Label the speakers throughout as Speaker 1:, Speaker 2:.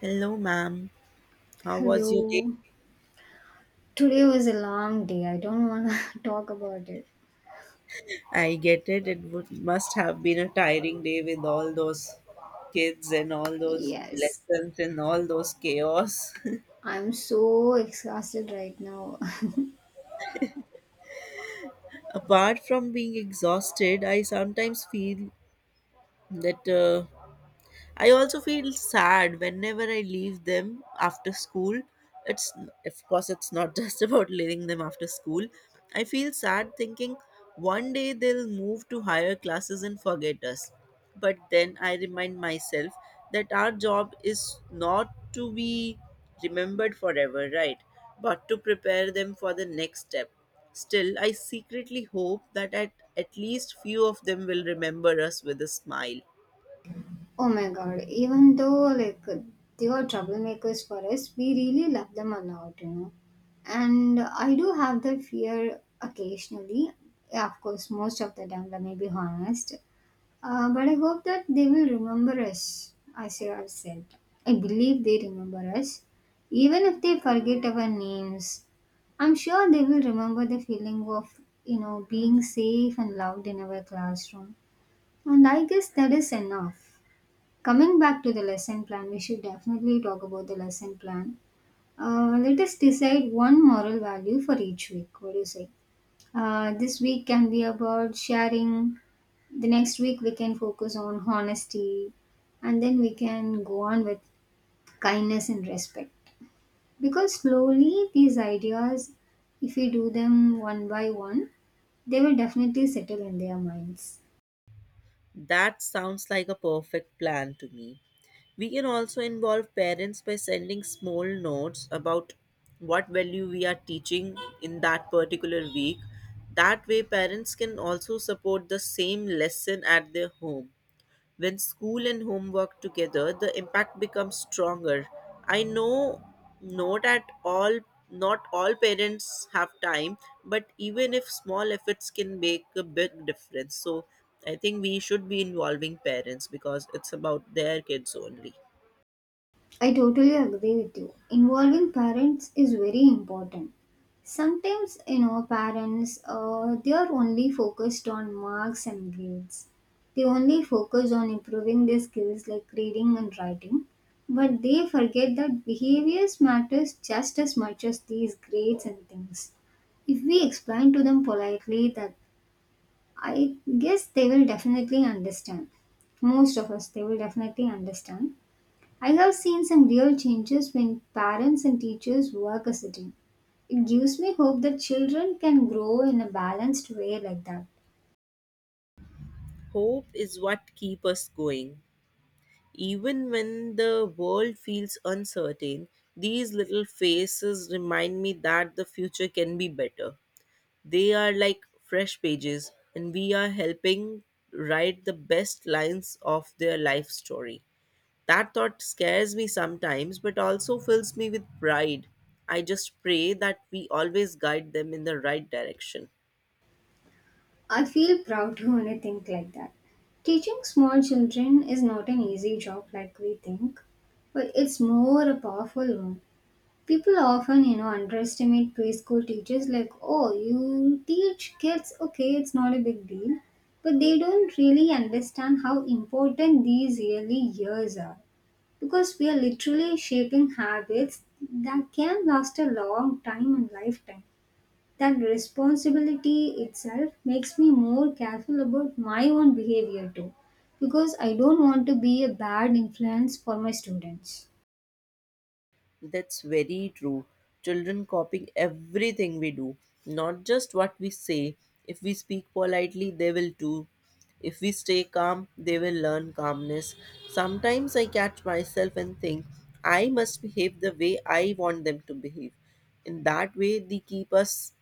Speaker 1: Hello, ma'am. How was your day?
Speaker 2: Hello. Today was a long day. I don't want to talk about it.
Speaker 1: I get it. Must have been a tiring day with all those kids and all those
Speaker 2: Yes.
Speaker 1: lessons and all those chaos.
Speaker 2: I'm so exhausted right now.
Speaker 1: Apart from being exhausted, I sometimes feel that I also feel sad whenever I leave them after school. It's Of course it's not just about leaving them after school. I feel sad thinking one day they'll move to higher classes and forget us. But then I remind myself that our job is not to be remembered forever, right? But to prepare them for the next step. Still, I secretly hope that at least few of them will remember us with a smile.
Speaker 2: Oh my god, even though like they were troublemakers for us, we really love them a lot. And I do have that fear occasionally. Yeah, of course, most of the time, let me be honest. But I hope that they will remember us, as you have said. I believe they remember us. Even if they forget our names, I'm sure they will remember the feeling of, you know, being safe and loved in our classroom. And I guess that is enough. Coming back to the lesson plan, we should definitely talk about the lesson plan. Let us decide one moral value for each week. What do you say? This week can be about sharing. The next week we can focus on honesty, and then we can go on with kindness and respect. Because slowly these ideas, if we do them one by one, they will definitely settle in their minds.
Speaker 1: That sounds like a perfect plan to me. We can also involve parents by sending small notes about what value we are teaching in that particular week. That way, parents can also support the same lesson at their home. When school and home work together, the impact becomes stronger. I know not at all not all parents have time, but even if small efforts can make a big difference. So I think we should be involving parents because it's about their kids only.
Speaker 2: I totally agree with you. Involving parents is very important. Sometimes, you know, parents, they are only focused on marks and grades. They only focus on improving their skills like reading and writing, but they forget that behaviors matters just as much as these grades and things. If we explain to them politely that I guess they will definitely understand. Most of us, they will definitely understand. I have seen some real changes when parents and teachers work as a team. It gives me hope that children can grow in a balanced way like that.
Speaker 1: Hope is what keep us going. Even when the world feels uncertain, these little faces remind me that the future can be better. They are like fresh pages, and we are helping write the best lines of their life story. That thought scares me sometimes, but also fills me with pride. I just pray that we always guide them in the right direction.
Speaker 2: I feel proud to only think like that. Teaching small children is not an easy job like we think, but it's more a powerful one. People often, you know, underestimate preschool teachers like, oh, you teach kids, okay, it's not a big deal. But they don't really understand how important these early years are. Because we are literally shaping habits that can last a long time and lifetime. That responsibility itself makes me more careful about my own behavior too, because I don't want to be a bad influence for my students.
Speaker 1: That's very true. Children copying everything we do, not just what we say. If we speak politely, they will too. If we stay calm, they will learn calmness. Sometimes I catch myself and think, I must behave the way I want them to behave. In that way, they keep us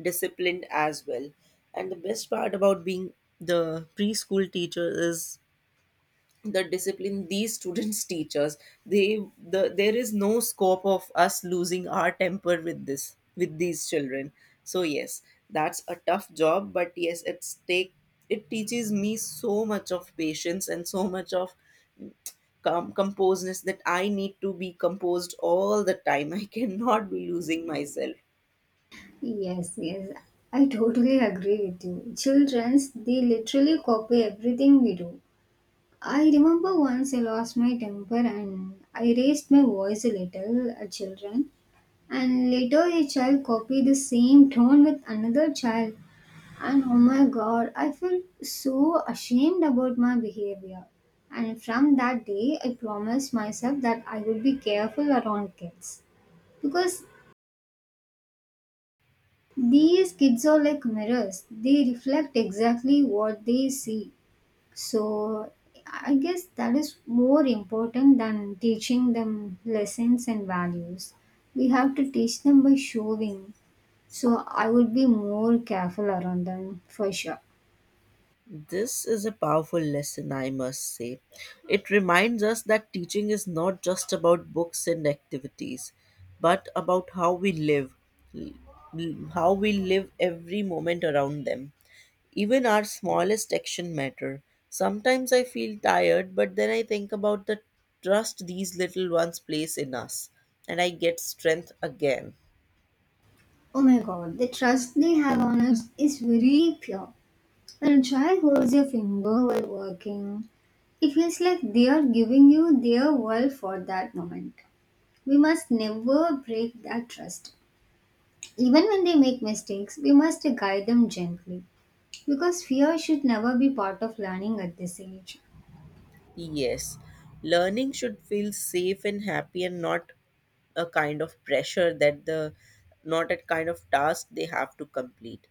Speaker 1: disciplined as well. And the best part about being the preschool teacher is the discipline these students teach us, they the there is no scope of us losing our temper with this with these children. So yes, that's a tough job, but yes, it teaches me so much of patience and so much of composedness, that I need to be composed all the time. I cannot be losing myself.
Speaker 2: Yes, yes, I totally agree with you. Childrens, they literally copy everything we do. I remember once I lost my temper and I raised my voice a little at children. And later a child copied the same tone with another child. And oh my god, I felt so ashamed about my behavior. And from that day, I promised myself that I would be careful around kids. Because these kids are like mirrors, they reflect exactly what they see. So I guess that is more important than teaching them lessons and values. We have to teach them by showing. So I would be more careful around them for sure.
Speaker 1: This is a powerful lesson, I must say. It reminds us that teaching is not just about books and activities, but about how we live, l- how we live every moment around them. Even our smallest action matter. Sometimes I feel tired, but then I think about the trust these little ones place in us, and I get strength again.
Speaker 2: Oh my god, the trust they have on us is very pure. When a child holds your finger while working, it feels like they are giving you their world for that moment. We must never break that trust. Even when they make mistakes, we must guide them gently, because fear should never be part of learning at this age.
Speaker 1: Yes, learning should feel safe and happy and not a kind of pressure that the not a kind of task they have to complete.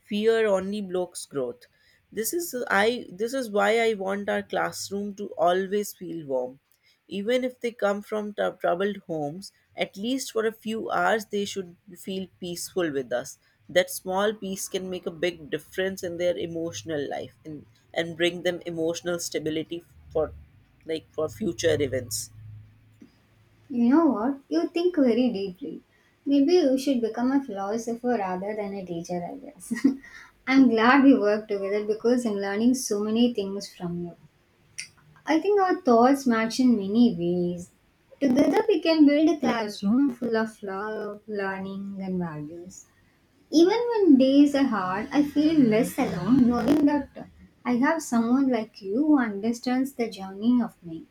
Speaker 1: Fear only blocks growth. This is i this is why I want our classroom to always feel warm. Even if they come from troubled homes, at least for a few hours they should feel peaceful with us. That small peace can make a big difference in their emotional life, and bring them emotional stability for, like, for future events.
Speaker 2: You know what? You think very deeply. Maybe you should become a philosopher rather than a teacher, I guess. I'm glad we work together because I'm learning so many things from you. I think our thoughts match in many ways. Together we can build a classroom full of love, learning and values. Even when days are hard, I feel less alone knowing that I have someone like you who understands the journey of me.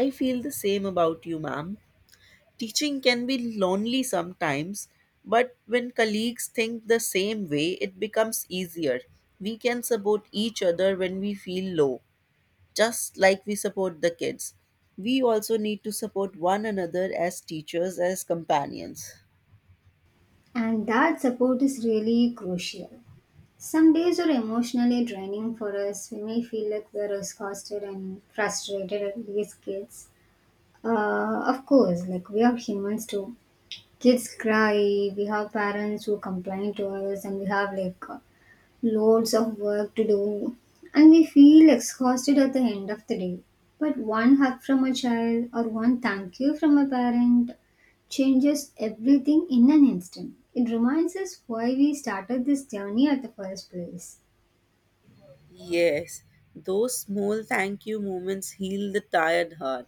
Speaker 1: I feel the same about you, ma'am. Teaching can be lonely sometimes, but when colleagues think the same way, it becomes easier. We can support each other when we feel low, just like we support the kids. We also need to support one another as teachers, as companions.
Speaker 2: And that support is really crucial. Some days are emotionally draining for us. We may feel like we are exhausted and frustrated at these kids. Of course, like we are humans too. Kids cry, we have parents who complain to us, and we have like loads of work to do. And we feel exhausted at the end of the day. But one hug from a child or one thank you from a parent changes everything in an instant. It reminds us why we started this journey at the first place.
Speaker 1: Yes, those small thank you moments heal the tired heart.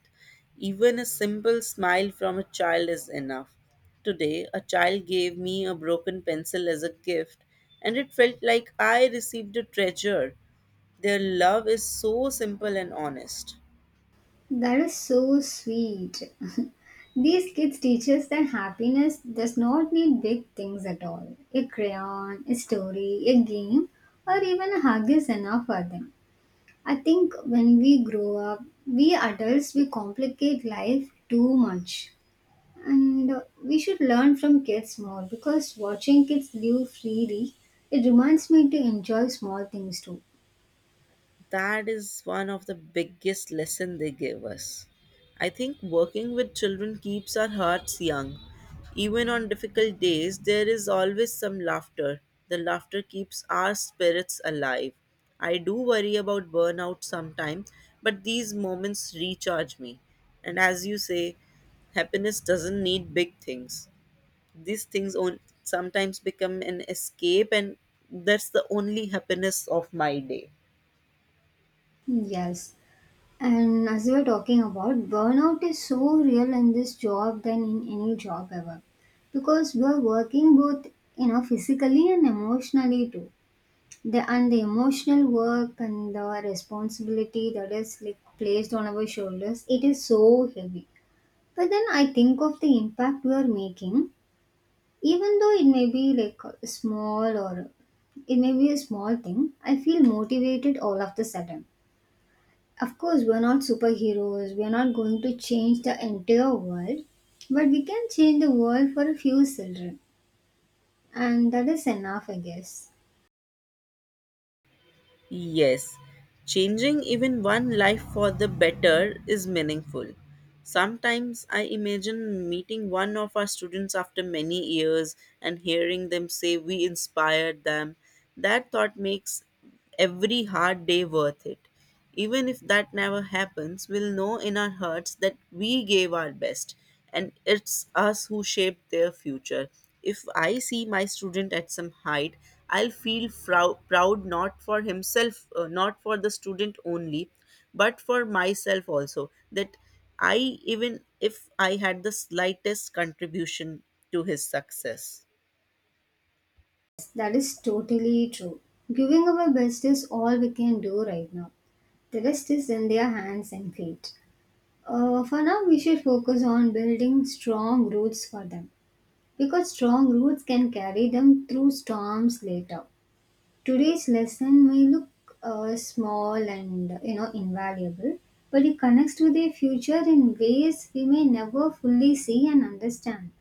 Speaker 1: Even a simple smile from a child is enough. Today, a child gave me a broken pencil as a gift, and it felt like I received a treasure. Their love is so simple and honest.
Speaker 2: That is so sweet. These kids teach us that happiness does not need big things at all. A crayon, a story, a game, or even a hug is enough for them. I think when we grow up, we adults we complicate life too much. And we should learn from kids more because watching kids live freely, it reminds me to enjoy small things too.
Speaker 1: That is one of the biggest lesson they gave us. I think working with children keeps our hearts young. Even on difficult days there is always some laughter. The laughter keeps our spirits alive. I do worry about burnout sometimes, but these moments recharge me, and as you say, happiness doesn't need big things. These things sometimes become an escape, and that's the only happiness of my day.
Speaker 2: Yes, and as we were talking about, burnout is so real in this job than in any job ever. Because we are working both, you know, physically and emotionally too. The and the emotional work and the responsibility that is like placed on our shoulders, it is so heavy. But then I think of the impact we are making, even though it may be like small or it may be a small thing, I feel motivated all of the sudden. Of course, we're not superheroes, we're not going to change the entire world, but we can change the world for a few children, and that is enough, I guess.
Speaker 1: Yes, changing even one life for the better is meaningful. Sometimes I imagine meeting one of our students after many years and hearing them say we inspired them. That thought makes every hard day worth it. Even if that never happens, we'll know in our hearts that we gave our best and it's us who shaped their future. If I see my student at some height, I'll feel proud, not for himself, not for the student only, but for myself also. That I, even if I had the slightest contribution to his success.
Speaker 2: That is totally true. Giving our best is all we can do right now. The rest is in their hands and feet. For now, we should focus on building strong roots for them because strong roots can carry them through storms later. Today's lesson may look small and you know invaluable, but it connects with their future in ways we may never fully see and understand.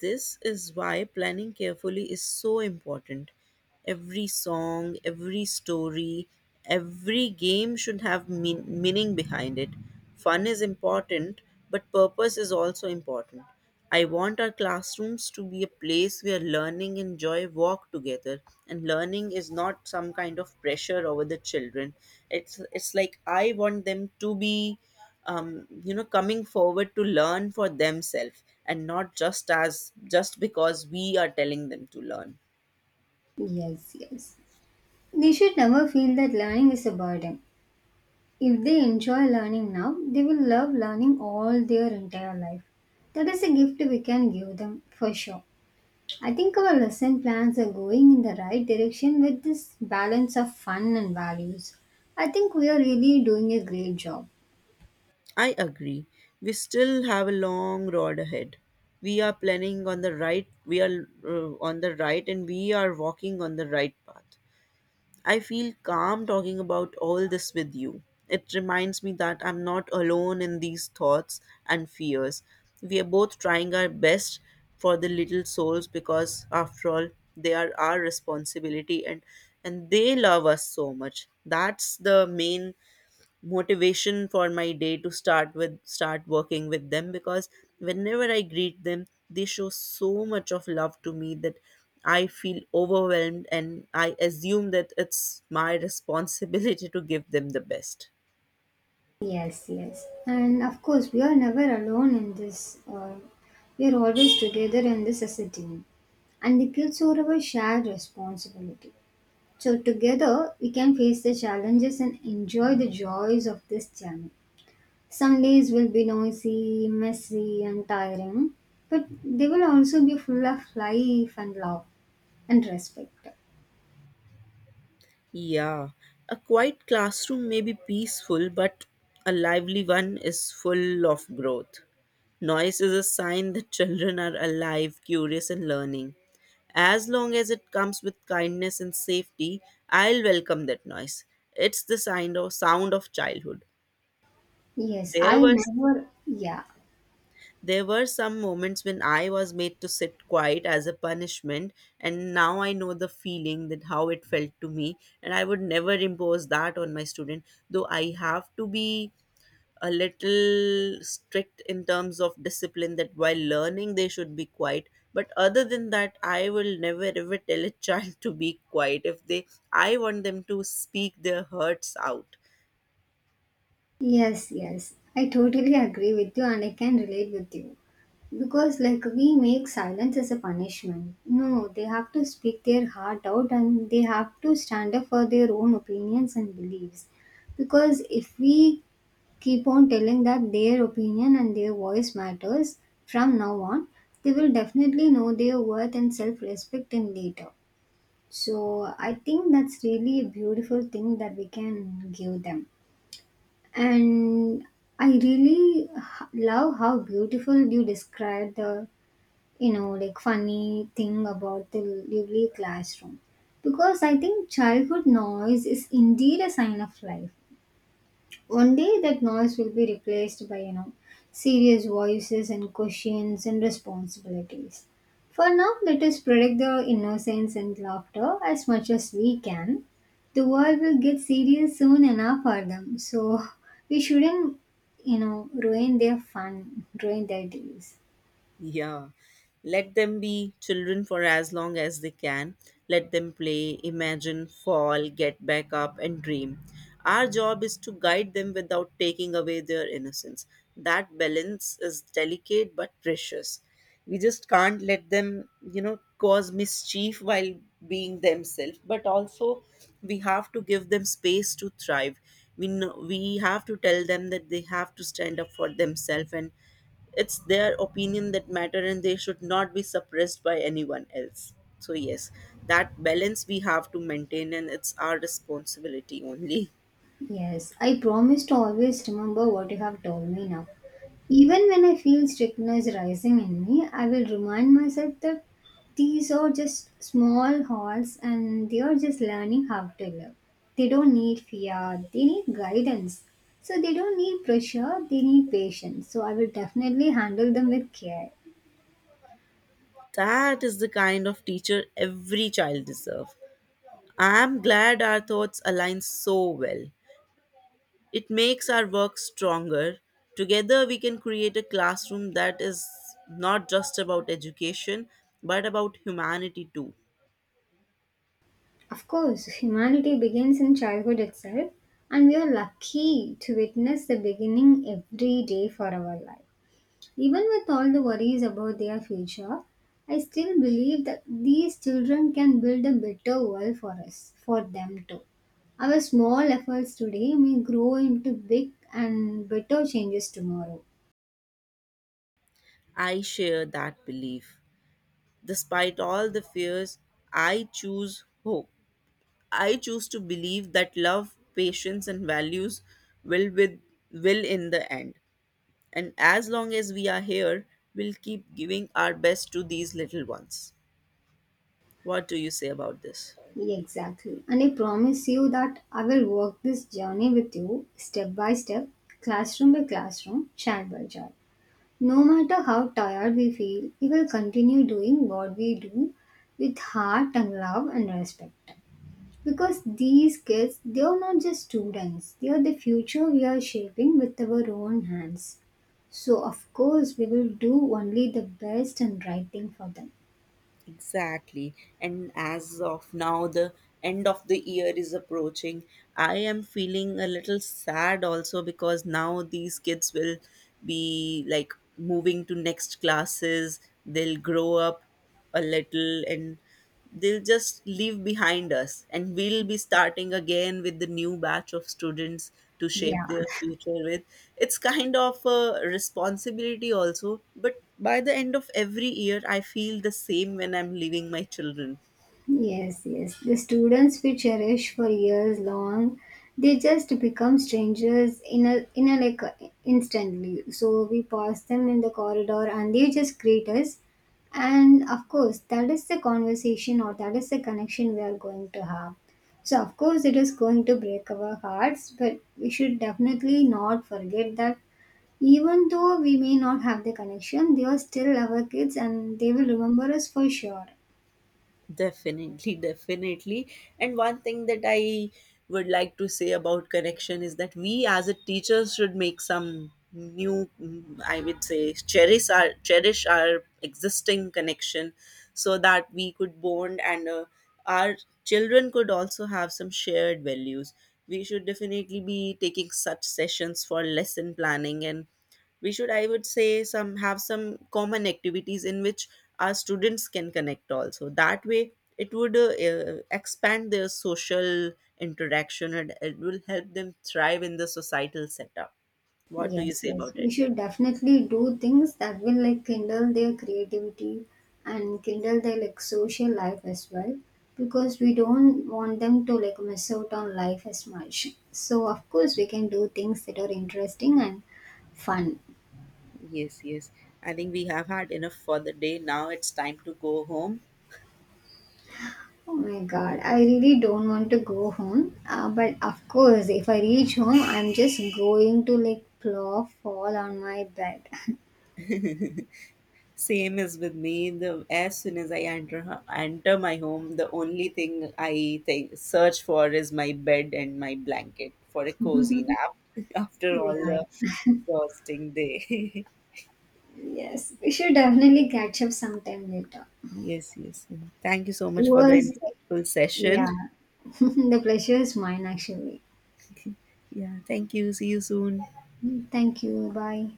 Speaker 1: This is why planning carefully is so important. Every song, every story, every game should have meaning behind it. Fun is important, but purpose is also important. I want our classrooms to be a place where learning and joy walk together, and learning is not some kind of pressure over the children. It's like I want them to be you know, coming forward to learn for themselves and not just as just because we are telling them to learn.
Speaker 2: Yes, yes. They should never feel that learning is a burden. If they enjoy learning now, they will love learning all their entire life. That is a gift we can give them for sure. I think our lesson plans are going in the right direction with this balance of fun and values. I think we are really doing a great job.
Speaker 1: I agree, we still have a long road ahead. We are on the right and we are walking on the right path. I feel calm talking about all this with you. It reminds me that I'm not alone in these thoughts and fears. We are both trying our best for the little souls because, after all, they are our responsibility, and they love us so much. That's the main motivation for my day to start working with them, because whenever I greet them they show so much of love to me, that I feel overwhelmed and I assume that it's my responsibility to give them the best.
Speaker 2: Yes, yes. And of course, we are never alone in this. We are always together in this as a team. And the kids are our shared responsibility. So, together, we can face the challenges and enjoy the joys of this journey. Some days will be noisy, messy, and tiring, but they will also be full of life and love and respect.
Speaker 1: Yeah, a quiet classroom may be peaceful, but a lively one is full of growth. Noise is a sign that children are alive, curious and learning. As long as it comes with kindness and safety, I'll welcome that noise. It's the sound of childhood.
Speaker 2: Yes,
Speaker 1: There
Speaker 2: I
Speaker 1: were
Speaker 2: never, yeah.
Speaker 1: there were some moments when I was made to sit quiet as a punishment, and now I know the feeling that how it felt to me, and I would never impose that on my student. Though I have to be a little strict in terms of discipline, that while learning they should be quiet, but other than that I will never ever tell a child to be quiet. If they, I want them to speak their hurts out.
Speaker 2: Yes, yes. I totally agree with you and I can relate with you. Because, like, we make silence as a punishment. No, they have to speak their heart out and they have to stand up for their own opinions and beliefs. Because if we keep on telling that their opinion and their voice matters from now on, they will definitely know their worth and self respect in later. So, I think that's really a beautiful thing that we can give them, and I really love how beautiful you describe the you know like funny thing about the lively classroom, because I think childhood noise is indeed a sign of life. One day that noise will be replaced by, you know, serious voices and questions and responsibilities. For now, let us protect the innocence and laughter as much as we can. The world will get serious soon enough for them, so we shouldn't, you know, ruin their fun, ruin their days.
Speaker 1: Yeah. Let them be children for as long as they can. Let them play, imagine, fall, get back up, and dream. Our job is to guide them without taking away their innocence. That balance is delicate but precious. We just can't let them, you know, cause mischief while being themselves, but also we have to give them space to thrive. We, know, we have to tell them that they have to stand up for themselves and it's their opinion that matter and they should not be suppressed by anyone else. So yes, that balance we have to maintain and it's our responsibility only.
Speaker 2: Yes, I promise to always remember what you have told me now. Even when I feel strictness rising in me, I will remind myself that these are just small halls and they are just learning how to live. They don't need fear, they need guidance. So they don't need pressure, they need patience. So I will definitely handle them with care.
Speaker 1: That is the kind of teacher every child deserves. I am glad our thoughts align so well. It makes our work stronger. Together we can create a classroom that is not just about education, but about humanity too.
Speaker 2: Of course, humanity begins in childhood itself, and we are lucky to witness the beginning every day for our life. Even with all the worries about their future, I still believe that these children can build a better world for us, for them too. Our small efforts today may grow into big and better changes tomorrow.
Speaker 1: I share that belief. Despite all the fears, I choose hope. I choose to believe that love, patience, and values will with will in the end. And as long as we are here, we'll keep giving our best to these little ones. What do you say about this?
Speaker 2: Exactly. And I promise you that I will walk this journey with you step by step, classroom by classroom, child by child. No matter how tired we feel, we will continue doing what we do with heart and love and respect. Because these kids, they are not just students, they are the future we are shaping with our own hands. So, of course, we will do only the best and right thing for them.
Speaker 1: Exactly. And as of now, the end of the year is approaching. I am feeling a little sad also because now these kids will be like moving to next classes, they'll grow up a little and they'll just leave behind us and we'll be starting again with the new batch of students to shape
Speaker 2: Yeah.
Speaker 1: their future with. It's kind of a responsibility also, but by the end of every year I feel the same when I'm leaving my children.
Speaker 2: Yes, yes. The students we cherish for years long, they just become strangers in a instantly. So we pass them in the corridor and they just greet us. And of course, that is the conversation or that is the connection we are going to have. So of course, it is going to break our hearts, but we should definitely not forget that even though we may not have the connection, they are still our kids and they will remember us for sure.
Speaker 1: Definitely, definitely. And one thing that I would like to say about connection is that we as a teachers, should make some new I would say cherish our existing connection, so that we could bond and our children could also have some shared values. We should definitely be taking such sessions for lesson planning, and we should, I would say, some have some common activities in which our students can connect also. That way it would expand their social interaction and it will help them thrive in the societal setup. What do you
Speaker 2: Yes,
Speaker 1: say
Speaker 2: yes.
Speaker 1: about
Speaker 2: We
Speaker 1: it?
Speaker 2: should definitely do things that will like kindle their creativity and kindle their like social life as well, because we don't want them to like miss out on life as much. So of course we can do things that are interesting and fun.
Speaker 1: Yes, yes, I think we have had enough for the day. Now it's time to go home.
Speaker 2: Oh my god, I really don't want to go home. But of course if I reach home I'm just going to like plow fall on my bed.
Speaker 1: Same is with me. The As soon as I enter enter my home, the only thing I think search for is my bed and my blanket for a cozy nap after
Speaker 2: Yeah.
Speaker 1: all the
Speaker 2: Yeah.
Speaker 1: exhausting day.
Speaker 2: Yes. We should definitely catch up sometime later.
Speaker 1: Yes, yes. Thank you so
Speaker 2: It
Speaker 1: much for the
Speaker 2: was,
Speaker 1: insightful session.
Speaker 2: yeah. The pleasure is mine actually.
Speaker 1: Yeah, thank you. See you soon.
Speaker 2: Thank you. Bye.